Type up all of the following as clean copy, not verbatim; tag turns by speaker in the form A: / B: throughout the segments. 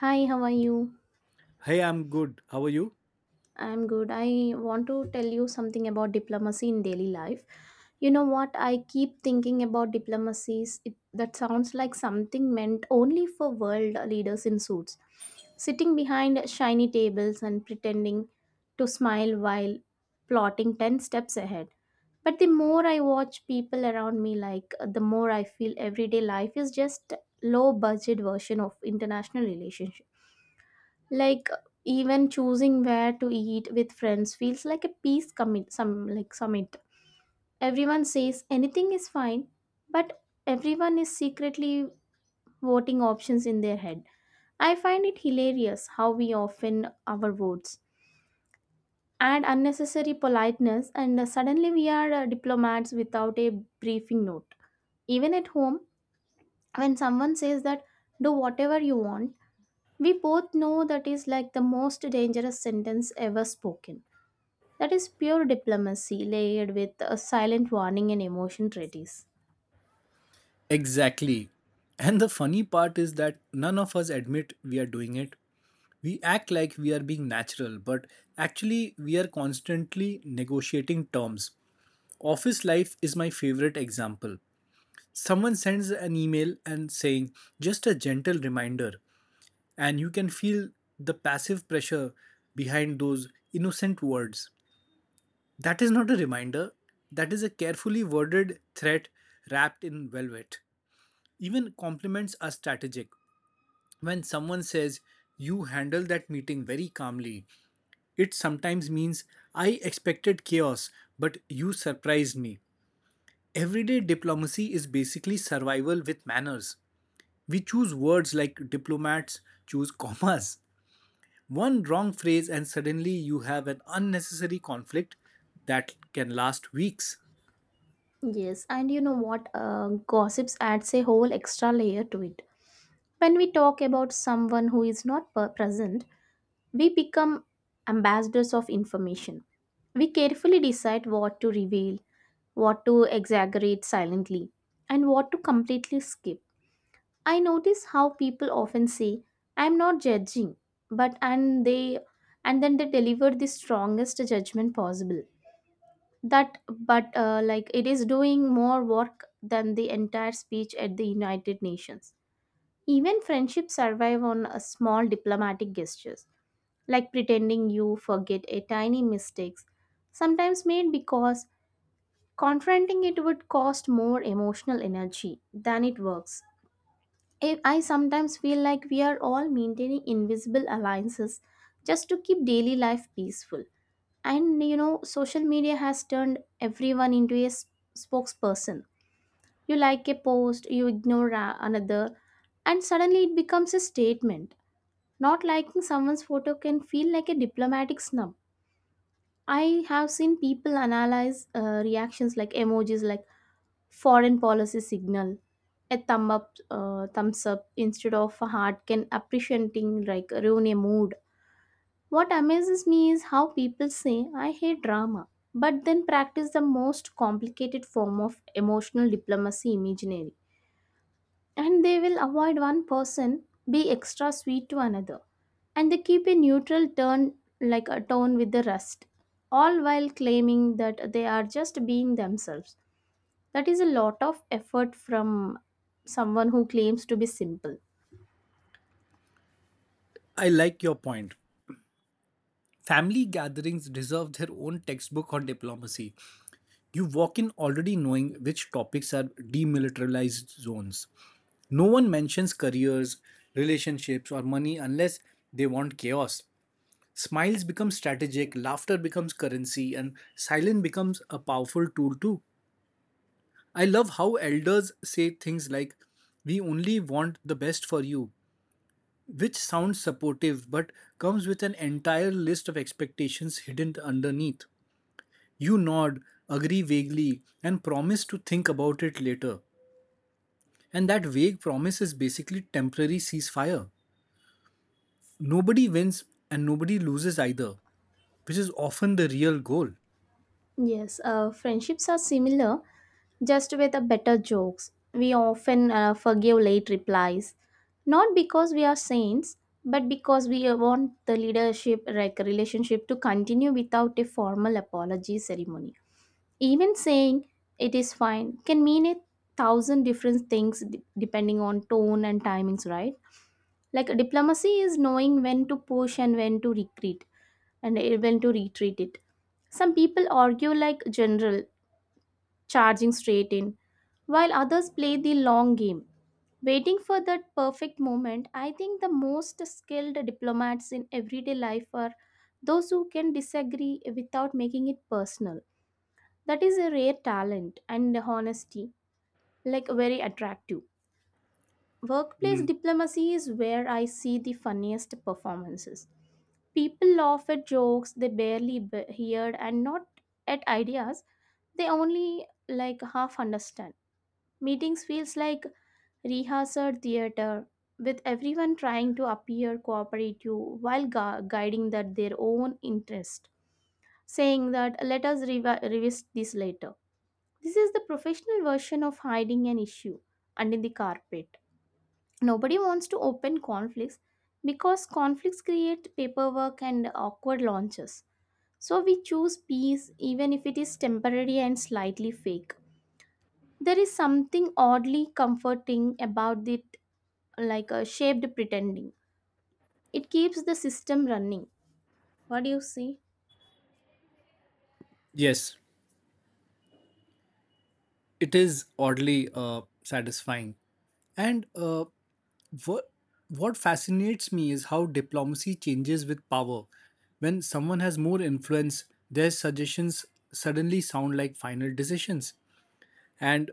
A: Hi, how are you?
B: Hey, I'm good. How are you?
A: I'm good. I want to tell you something about diplomacy in daily life. You know what? I keep thinking about diplomacies. That sounds like something meant only for world leaders in suits, sitting behind shiny tables and pretending to smile while plotting 10 steps ahead. But the more I watch people around me, like the more I feel everyday life is just low budget version of international relationship, like even choosing where to eat with friends feels like a peace commit some like summit. Everyone says anything is fine, but everyone is secretly voting options in their head. I find it hilarious how we often our votes add unnecessary politeness and suddenly we are diplomats without a briefing note. Even at home, when someone says that, do whatever you want, we both know that is like the most dangerous sentence ever spoken. That is pure diplomacy layered with a silent warning and emotion treaties.
B: Exactly. And the funny part is that none of us admit we are doing it. We act like we are being natural, but actually, we are constantly negotiating terms. Office life is my favorite example. Someone sends an email and saying, just a gentle reminder, and you can feel the passive pressure behind those innocent words. That is not a reminder, that is a carefully worded threat wrapped in velvet. Even compliments are strategic. When someone says, you handle that meeting very calmly, it sometimes means I expected chaos, but you surprised me. Everyday diplomacy is basically survival with manners. We choose words like diplomats choose commas. One wrong phrase, and suddenly you have an unnecessary conflict that can last weeks.
A: Yes, and you know what? Gossips adds a whole extra layer to it. When we talk about someone who is not present, we become ambassadors of information. We carefully decide what to reveal, what to exaggerate silently, and what to completely skip. I notice how people often say, "I'm not judging," but and then they deliver the strongest judgment possible. That but like it is doing more work than the entire speech at the United Nations. Even friendships survive on a small diplomatic gestures, like pretending you forget a tiny mistakes sometimes made, because confronting it would cost more emotional energy than it works. I sometimes feel like we are all maintaining invisible alliances just to keep daily life peaceful. And you know, social media has turned everyone into a spokesperson. You like a post, you ignore another, and suddenly it becomes a statement. Not liking someone's photo can feel like a diplomatic snub. I have seen people analyze reactions like emojis, like foreign policy signal. A thumb up, thumbs up instead of a heart can appreciating like ruin a mood. What amazes me is how people say, I hate drama, but then practice the most complicated form of emotional diplomacy imaginary. And they will avoid one person, be extra sweet to another, and they keep a neutral turn like a tone with the rest, all while claiming that they are just being themselves. That is a lot of effort from someone who claims to be simple.
B: I like your point. Family gatherings deserve their own textbook on diplomacy. You walk in already knowing which topics are demilitarized zones. No one mentions careers, relationships, or money unless they want chaos. Smiles become strategic, laughter becomes currency, and silence becomes a powerful tool too. I love how elders say things like, we only want the best for you, which sounds supportive but comes with an entire list of expectations hidden underneath. You nod, agree vaguely, and promise to think about it later. And that vague promise is basically temporary ceasefire. Nobody wins and nobody loses either, which is often the real goal.
A: Yes, friendships are similar, just with a better jokes. We often forgive late replies, not because we are saints, but because we want the leadership like relationship to continue without a formal apology ceremony. Even saying it is fine can mean a thousand different things depending on tone and timings, right? Like diplomacy is knowing when to push and when to retreat, and when to retreat it, some people argue like general charging straight in, while others play the long game, waiting for that perfect moment. I think the most skilled diplomats in everyday life are those who can disagree without making it personal. That is a rare talent and honesty, like very attractive. Workplace
B: Mm.
A: diplomacy is where I see the funniest performances. People laugh at jokes they barely heard and not at ideas they only like half understand. Meetings feels like rehearsed theater with everyone trying to appear cooperative while guiding that their own interest, saying that let us revisit this later. This is the professional version of hiding an issue under the carpet. Nobody wants to open conflicts because conflicts create paperwork and awkward launches. So we choose peace even if it is temporary and slightly fake. There is something oddly comforting about it, like a shaped pretending. It keeps the system running. What do you see?
B: Yes, it is oddly satisfying. And what what fascinates me is how diplomacy changes with power. When someone has more influence, their suggestions suddenly sound like final decisions. And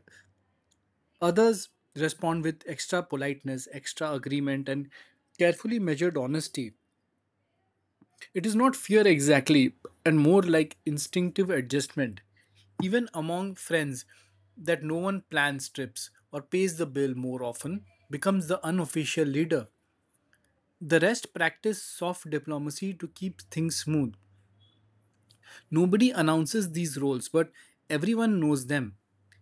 B: others respond with extra politeness, extra agreement, and carefully measured honesty. It is not fear exactly, and more like instinctive adjustment. Even among friends, that no one plans trips or pays the bill more often becomes the unofficial leader. The rest practice soft diplomacy to keep things smooth. Nobody announces these roles, but everyone knows them.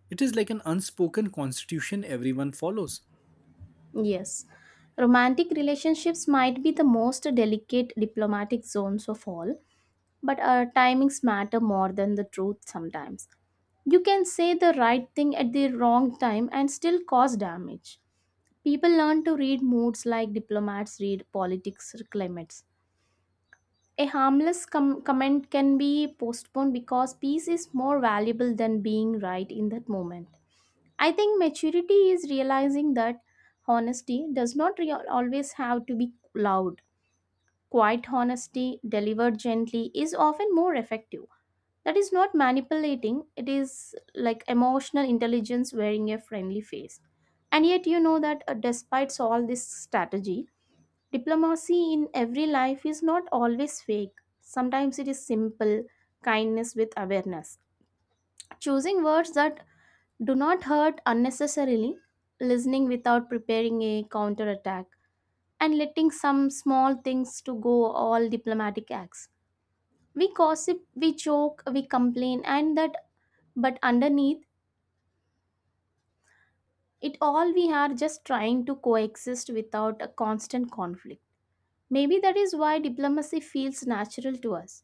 B: It is like an unspoken constitution everyone follows.
A: Yes. Romantic relationships might be the most delicate diplomatic zones of all, but our timings matter more than the truth sometimes. You can say the right thing at the wrong time and still cause damage. People learn to read moods like diplomats read politics or climates. A harmless comment can be postponed because peace is more valuable than being right in that moment. I think maturity is realizing that honesty does not always have to be loud. Quiet honesty delivered gently is often more effective. That is not manipulating, it is like emotional intelligence wearing a friendly face. And yet, you know that despite all this strategy, diplomacy in every life is not always fake. Sometimes it is simple kindness with awareness. Choosing words that do not hurt unnecessarily, listening without preparing a counterattack, and letting some small things to go all diplomatic acts. We gossip, we joke, we complain, and that but underneath it all we are just trying to coexist without a constant conflict. Maybe that is why diplomacy feels natural to us.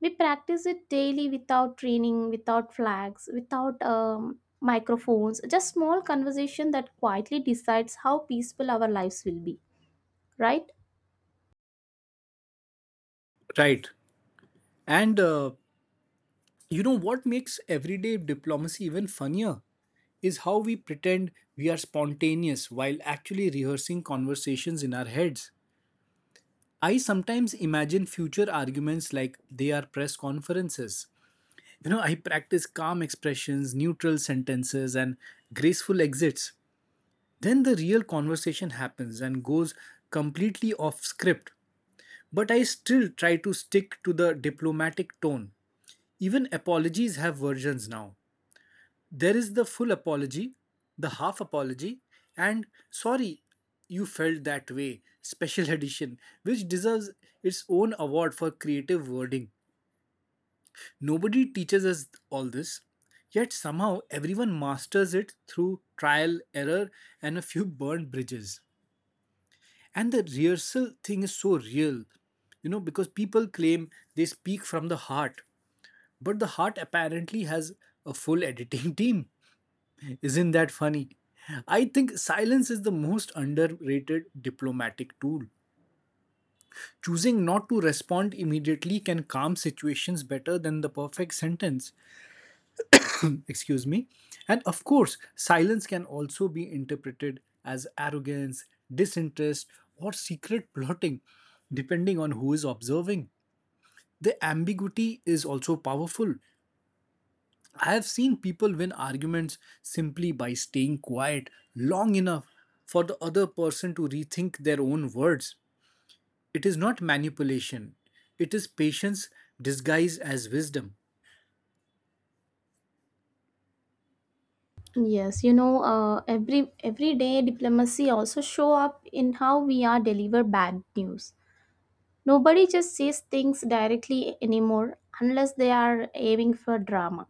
A: We practice it daily without training, without flags, without microphones, just small conversation that quietly decides how peaceful our lives will be, right?
B: Right. And You know what makes everyday diplomacy even funnier is how we pretend we are spontaneous while actually rehearsing conversations in our heads. I sometimes imagine future arguments like they are press conferences. You know, I practice calm expressions, neutral sentences, and graceful exits. Then the real conversation happens and goes completely off script. But I still try to stick to the diplomatic tone. Even apologies have versions now. There is the full apology, the half apology, and sorry you felt that way special edition, which deserves its own award for creative wording. Nobody teaches us all this, yet somehow everyone masters it through trial, error, and a few burned bridges. And the rehearsal thing is so real, you know, because people claim they speak from the heart, but the heart apparently has a full editing team. Isn't that funny? I think silence is the most underrated diplomatic tool. Choosing not to respond immediately can calm situations better than the perfect sentence. Excuse me. And of course, silence can also be interpreted as arrogance, disinterest, or secret plotting, depending on who is observing. The ambiguity is also powerful. I have seen people win arguments simply by staying quiet long enough for the other person to rethink their own words. It is not manipulation, it is patience disguised as wisdom.
A: Yes, you know, every everyday diplomacy also show up in how we are deliver bad news. Nobody just says things directly anymore unless they are aiming for drama.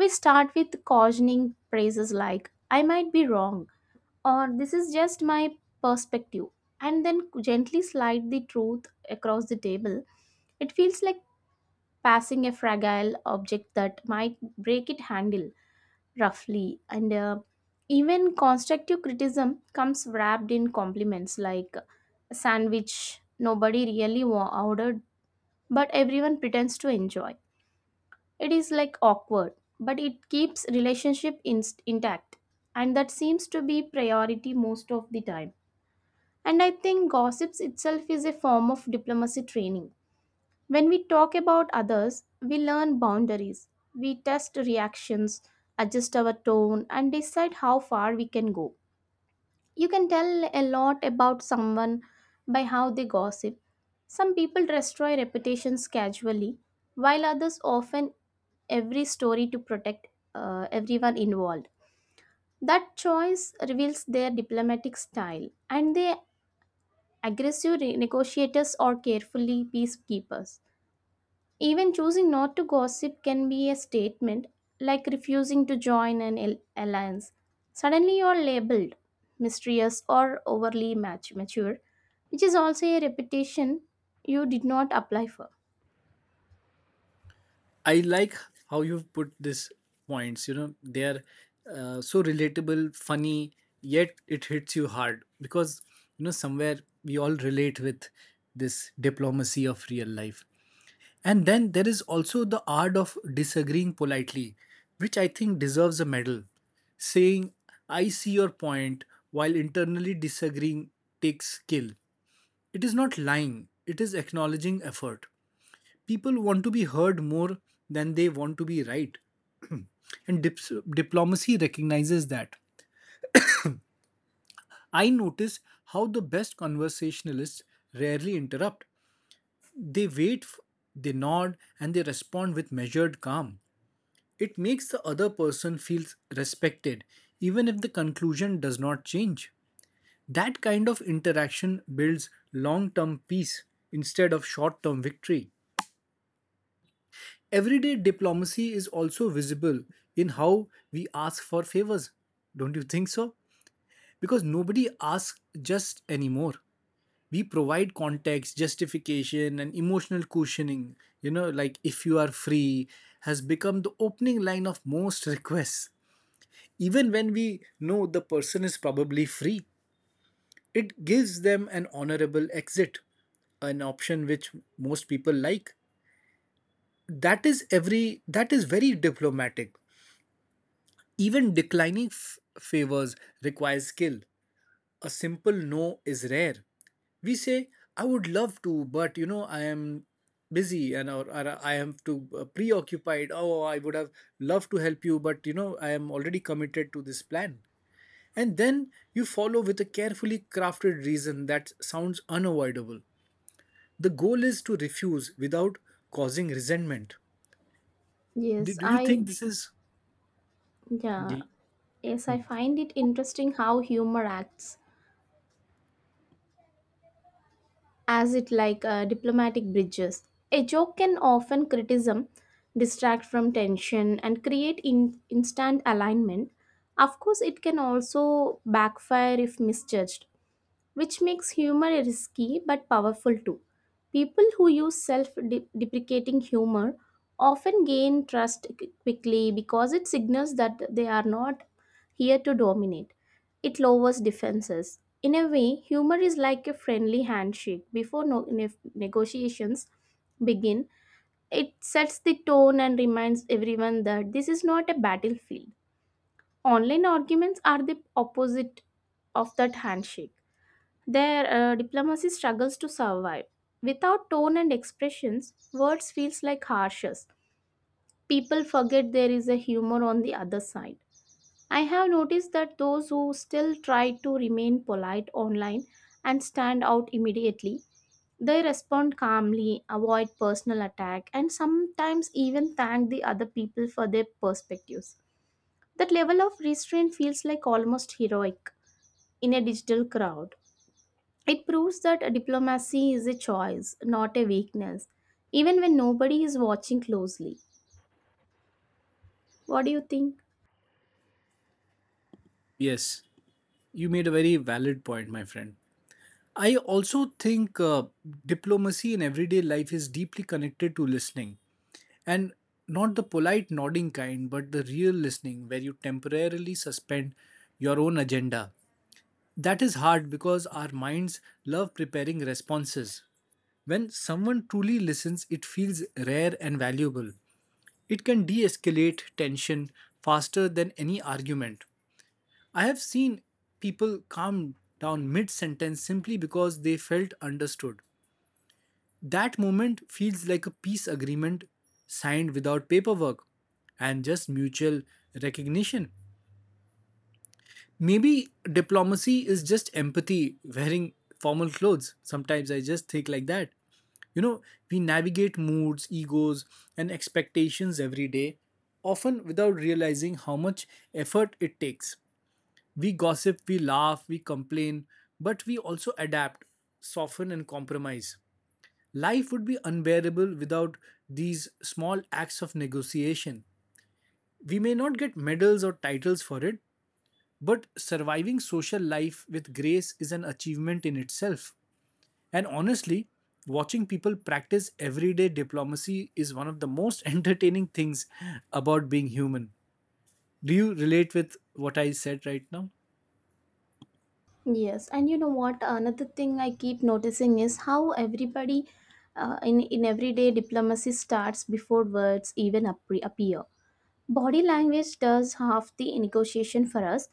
A: We start with cautioning phrases like, I might be wrong, or this is just my perspective, and then gently slide the truth across the table. It feels like passing a fragile object that might break its handle roughly. And even constructive criticism comes wrapped in compliments like a sandwich nobody really ordered, but everyone pretends to enjoy. It is like awkward, but it keeps relationship inst intact, and that seems to be priority most of the time. And I think gossips itself is a form of diplomacy training. When we talk about others, we learn boundaries, we test reactions, adjust our tone, and decide how far we can go. You can tell a lot about someone by how they gossip. Some people destroy reputations casually, while others often every story to protect everyone involved. That choice reveals their diplomatic style, and they aggressive negotiators or carefully peacekeepers. Even choosing not to gossip can be a statement, like refusing to join an alliance. Suddenly, you are labeled mysterious or overly mature, which is also a reputation you did not apply for.
B: I like how you've put these points. You know, they are so relatable, funny, yet it hits you hard because, you know, somewhere we all relate with this diplomacy of real life. And then there is also the art of disagreeing politely, which I think deserves a medal. Saying, I see your point while internally disagreeing takes skill. It is not lying, it is acknowledging effort people want to be heard more than they want to be right. And diplomacy recognizes that. I notice how the best conversationalists rarely interrupt. They wait, they nod, and they respond with measured calm. It makes the other person feel respected, even if the conclusion does not change. That kind of interaction builds long term peace instead of short term victory. Everyday diplomacy is also visible in how we ask for favors. Don't you think so? Because nobody asks just anymore. We provide context, justification, and emotional cushioning. You know, like if you are free, has become the opening line of most requests. Even when we know the person is probably free, it gives them an honorable exit an option which most people like that is very diplomatic. Even declining favors requires skill. A simple no is rare. We say, I would love to, but you know, I am busy and or I am too preoccupied. Oh, I would have loved to help you, but you know, I am already committed to this plan. And then you follow with a carefully crafted reason that sounds unavoidable. The goal is to refuse without causing resentment. Do,
A: Yes,
B: do you
A: I
B: think this is.
A: yeah, yes, I find it interesting how humor acts as it like diplomatic bridges. A joke can often criticism, distract from tension, and create instant alignment. Of course, it can also backfire if misjudged, which makes humor risky but powerful too. People who use self deprecating humor often gain trust quickly because it signals that they are not here to dominate. It lowers defenses. In a way, humor is like a friendly handshake. Before negotiations begin, it sets the tone and reminds everyone that this is not a battlefield. Online arguments are the opposite of that handshake. Their diplomacy struggles to survive. Without tone and expressions, words feels like harshes. People forget there is a humor on the other side. I have noticed that those who still try to remain polite online and stand out immediately, they respond calmly, avoid personal attack, and sometimes even thank the other people for their perspectives. That level of restraint feels like almost heroic in a digital crowd. It proves that diplomacy is a choice, not a weakness, even when nobody is watching closely. What do you think?
B: Yes, you made a very valid point, my friend. I also think diplomacy in everyday life is deeply connected to listening and not the polite nodding kind, but the real listening where you temporarily suspend your own agenda. That is hard because our minds love preparing responses. When someone truly listens, it feels rare and valuable. It can de escalate tension faster than any argument. I have seen people calm down mid sentence simply because they felt understood. That moment feels like a peace agreement signed without paperwork and just mutual recognition. Maybe diplomacy is just empathy wearing formal clothes. Sometimes I just think like that. You know, we navigate moods, egos, and expectations every day, often without realizing how much effort it takes. We gossip, we laugh, we complain, but we also adapt, soften, and compromise. Life would be unbearable without these small acts of negotiation. We may not get medals or titles for it, but surviving social life with grace is an achievement in itself. And honestly, watching people practice everyday diplomacy is one of the most entertaining things about being human. Do you relate with what I said right now?
A: Yes, and you know what? Another thing I keep noticing is how everybody in everyday diplomacy starts before words even appear. Body language does half the negotiation for us,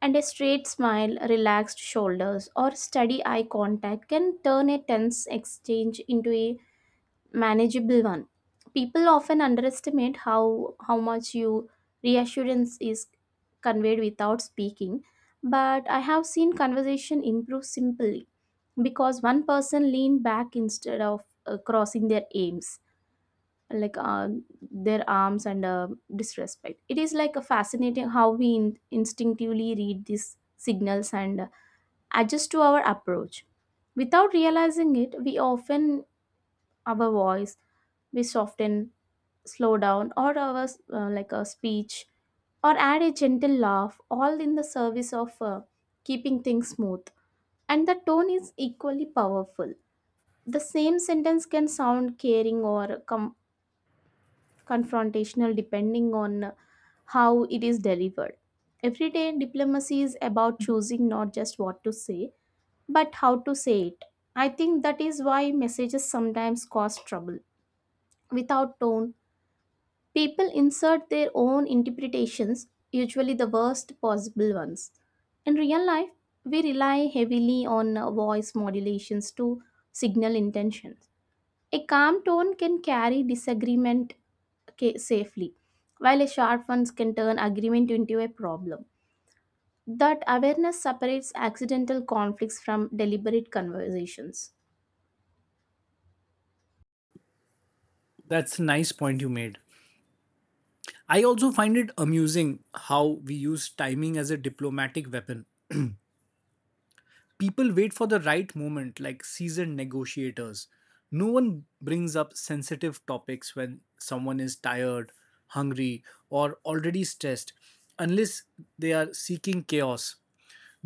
A: and a straight smile, relaxed shoulders, or steady eye contact can turn a tense exchange into a manageable one. People often underestimate how much you reassurance is conveyed without speaking, but I have seen conversation improve simply because one person leaned back instead of crossing their aims like their arms and disrespect. It is like a fascinating how we instinctively read these signals and adjust to our approach. Without realizing it, we often our voice we soften slowdown or our like a speech or add a gentle laugh all in the service of keeping things smooth. And the tone is equally powerful. The same sentence can sound caring or confrontational depending on how it is delivered. Everyday diplomacy is about choosing not just what to say but how to say it. I think that is why messages sometimes cause trouble without tone. People insert their own interpretations, usually the worst possible ones. In real life, we rely heavily on voice modulations to signal intentions. A calm tone can carry disagreement safely, while a sharp one can turn agreement into a problem. That awareness separates accidental conflicts from deliberate conversations.
B: That's a nice point you made. I also find it amusing how we use timing as a diplomatic weapon. People wait for the right moment, like seasoned negotiators. No one brings up sensitive topics when someone is tired, hungry, or already stressed, unless they are seeking chaos.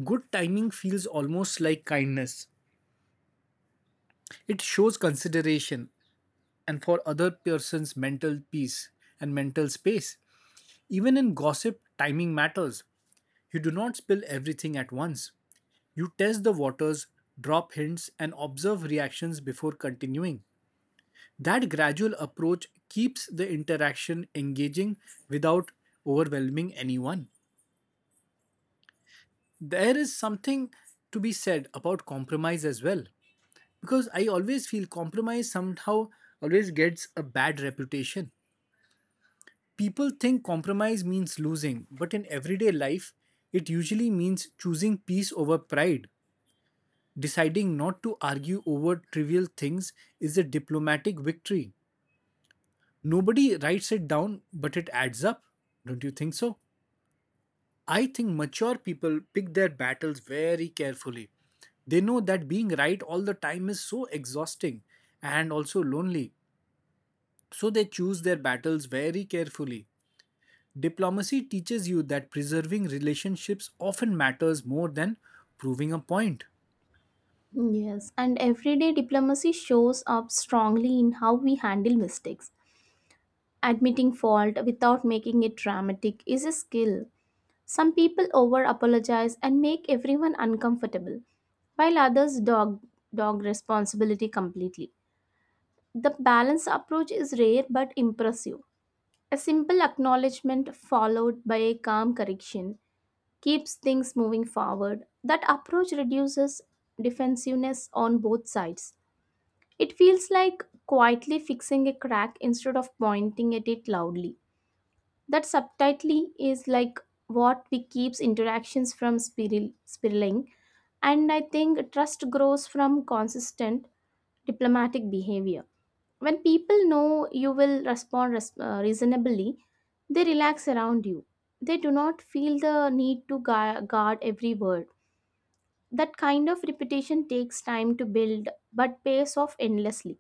B: Good timing feels almost like kindness. It shows consideration and for other person's mental peace and mental space. Even in gossip, timing matters. You do not spill everything at once. You test the waters, drop hints, and observe reactions before continuing. That gradual approach keeps the interaction engaging without overwhelming anyone. There is something to be said about compromise as well, because I always feel compromise somehow always gets a bad reputation. People think compromise means losing, but in everyday life, it usually means choosing peace over pride. Deciding not to argue over trivial things is a diplomatic victory. Nobody writes it down, but it adds up. Don't you think so? I think mature people pick their battles very carefully. They know that being right all the time is so exhausting and also lonely. So they choose their battles very carefully. Diplomacy teaches you that preserving relationships often matters more than proving a point.
A: Yes, and everyday diplomacy shows up strongly in how we handle mistakes. Admitting fault without making it dramatic is a skill. Some people over apologize and make everyone uncomfortable, while others dog responsibility completely. The balanced approach is rare but impressive. A simple acknowledgement followed by a calm correction keeps things moving forward. That approach reduces defensiveness on both sides. It feels like quietly fixing a crack instead of pointing at it loudly. That subtitly is like what we keeps interactions from spiraling, and I think trust grows from consistent diplomatic behavior. When people know you will respond reasonably, they relax around you. They do not feel the need to guard every word. That kind of reputation takes time to build but pays off endlessly.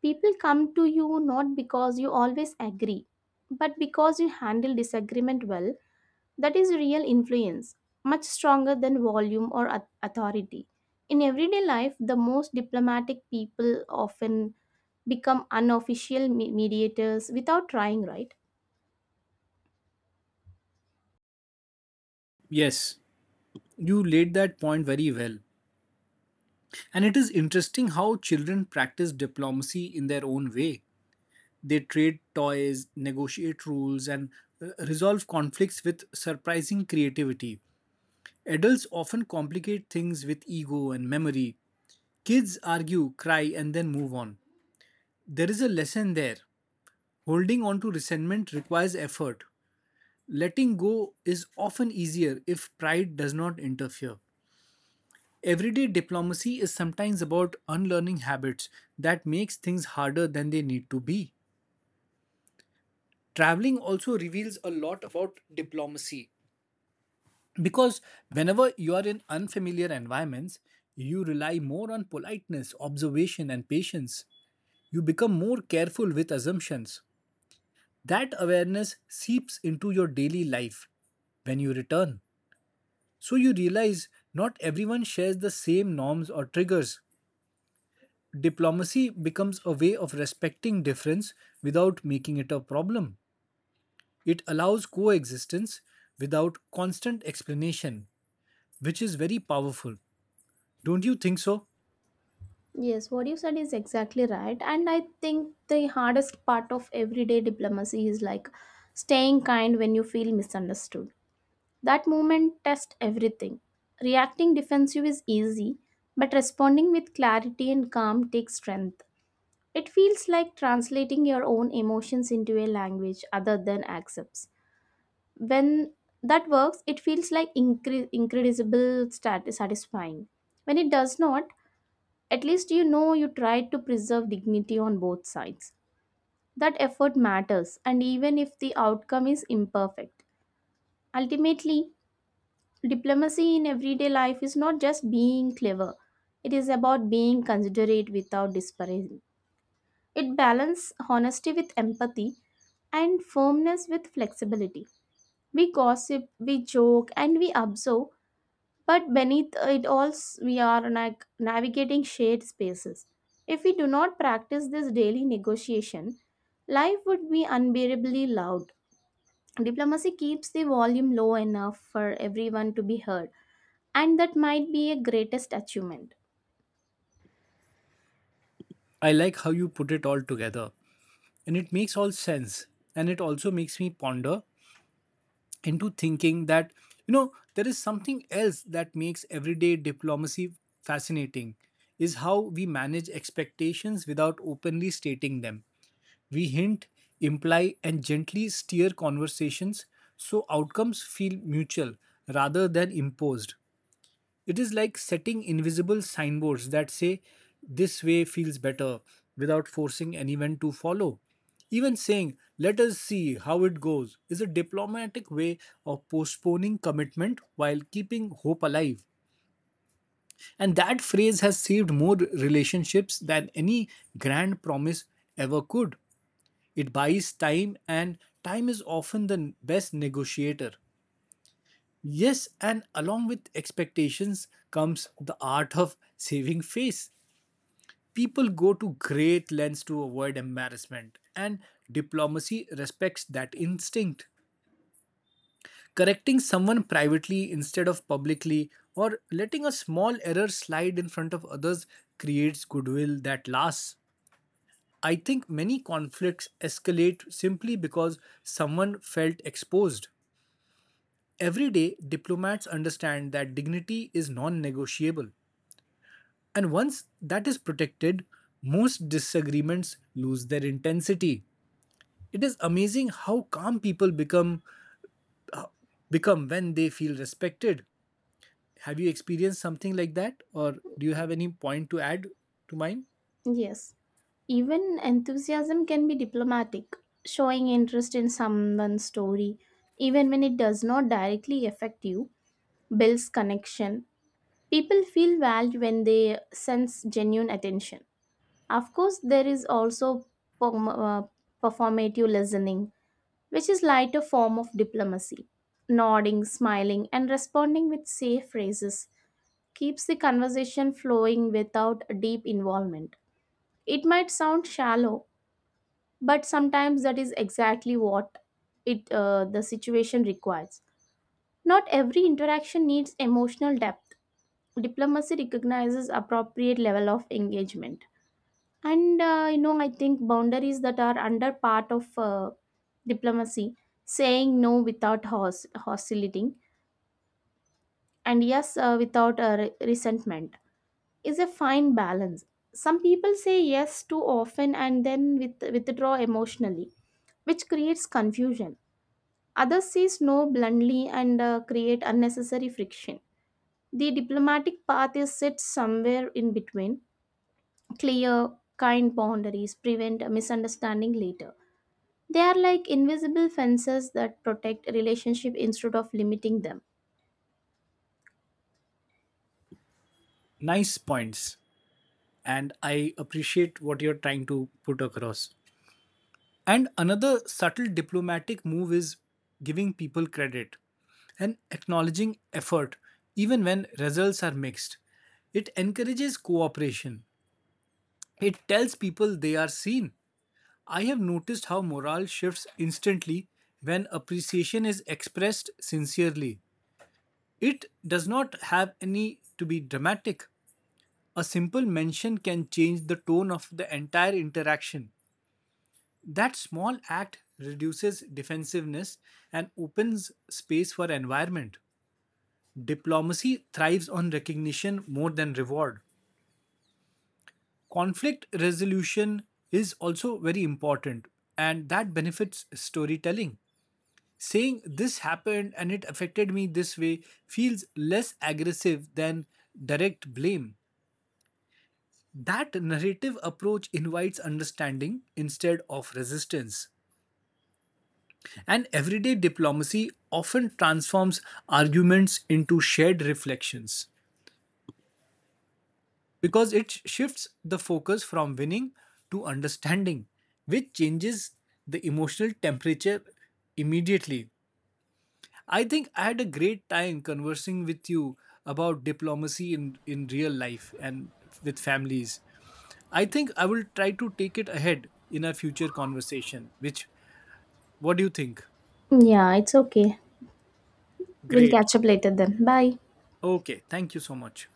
A: People come to you not because you always agree, but because you handle disagreement well. That is real influence, much stronger than volume or authority. In everyday life, the most diplomatic people often become unofficial mediators without trying, right?
B: Yes, you laid that point very well. And it is interesting how children practice diplomacy in their own way. They trade toys, negotiate rules, and resolve conflicts with surprising creativity. Adults often complicate things with ego and memory. Kids argue, cry, and then move on. There is a lesson there. Holding on to resentment requires effort. Letting go is often easier if pride does not interfere. Everyday diplomacy is sometimes about unlearning habits that makes things harder than they need to be. Traveling also reveals a lot about diplomacy because whenever you are in unfamiliar environments, you rely more on politeness, observation and patience. You become more careful with assumptions. That awareness seeps into your daily life when you return. So you realize not everyone shares the same norms or triggers. Diplomacy becomes a way of respecting difference without making it a problem. It allows coexistence without constant explanation, which is very powerful. Don't you think so?
A: Yes, what you said is exactly right. And I think the hardest part of everyday diplomacy is like staying kind when you feel misunderstood. That moment tests everything. Reacting defensive is easy, but responding with clarity and calm takes strength. It feels like translating your own emotions into a language other than accepts. When that works, it feels like incredible satisfying. When it does not, at least you know you tried to preserve dignity on both sides. That effort matters, and even if the outcome is imperfect. Ultimately, diplomacy in everyday life is not just being clever, it is about being considerate without disparaging. It balances honesty with empathy and firmness with flexibility. We gossip, we joke, and we observe, but beneath it all, we are navigating shared spaces. If we do not practice this daily negotiation, life would be unbearably loud. Diplomacy keeps the volume low enough for everyone to be heard, and that might be a greatest achievement.
B: I like how you put it all together, and it makes all sense. And it also makes me ponder into thinking that you know there is something else that makes everyday diplomacy fascinating is how we manage expectations without openly stating them. We hint, imply and gently steer conversations so outcomes feel mutual rather than imposed. It is like setting invisible signboards that say, this way feels better, without forcing anyone to follow. Even saying, let us see how it goes, is a diplomatic way of postponing commitment while keeping hope alive. And that phrase has saved more relationships than any grand promise ever could. It buys time, and time is often the best negotiator. Yes, and along with expectations comes the art of saving face. People go to great lengths to avoid embarrassment, and diplomacy respects that instinct. Correcting someone privately instead of publicly, or letting a small error slide in front of others, creates goodwill that lasts. I think many conflicts escalate simply because someone felt exposed. Every day, diplomats understand that dignity is non negotiable. And once that is protected, most disagreements lose their intensity. It is amazing how calm people become when they feel respected. Have you experienced something like that or do you have any point to add to mine?
A: Yes. Even enthusiasm can be diplomatic, showing interest in someone's story, even when it does not directly affect you, builds connection. People feel valued when they sense genuine attention. Of course, there is also perm- uh, performative listening, which is lighter form of diplomacy. Nodding, smiling, and responding with safe phrases keeps the conversation flowing without deep involvement. It might sound shallow, but sometimes that is exactly what it the situation requires. Not every interaction needs emotional depth. Diplomacy recognizes appropriate level of engagement. And you know, I think boundaries that are under part of diplomacy, saying no without hostility and yes without resentment, is a fine balance. Some people say yes too often and then withdraw emotionally, which creates confusion. Others says no bluntly and create unnecessary friction. The diplomatic path is set somewhere in between. Clear, kind boundaries prevent a misunderstanding later. They are like invisible fences that protect relationship instead of limiting them.
B: Nice points and I appreciate what you're trying to put across. And another subtle diplomatic move is giving people credit and acknowledging effort even when results are mixed. It encourages cooperation. It tells people they are seen. I have noticed how morale shifts instantly when appreciation is expressed sincerely. It does not have any to be dramatic. A simple mention can change the tone of the entire interaction. That small act reduces defensiveness and opens space for environment. Diplomacy thrives on recognition more than reward. Conflict resolution is also very important, and that benefits storytelling. Saying this happened and it affected me this way feels less aggressive than direct blame. That narrative approach invites understanding instead of resistance. And everyday diplomacy often transforms arguments into shared reflections, because it shifts the focus from winning to understanding, which changes the emotional temperature immediately. I think I had a great time conversing with you about diplomacy in real life and with families. I think I will try to take it ahead in a future conversation, which, what do you think?
A: Yeah, it's okay. We'll
B: Great.
A: catch up later then. Bye.
B: Okay. Thank you so much.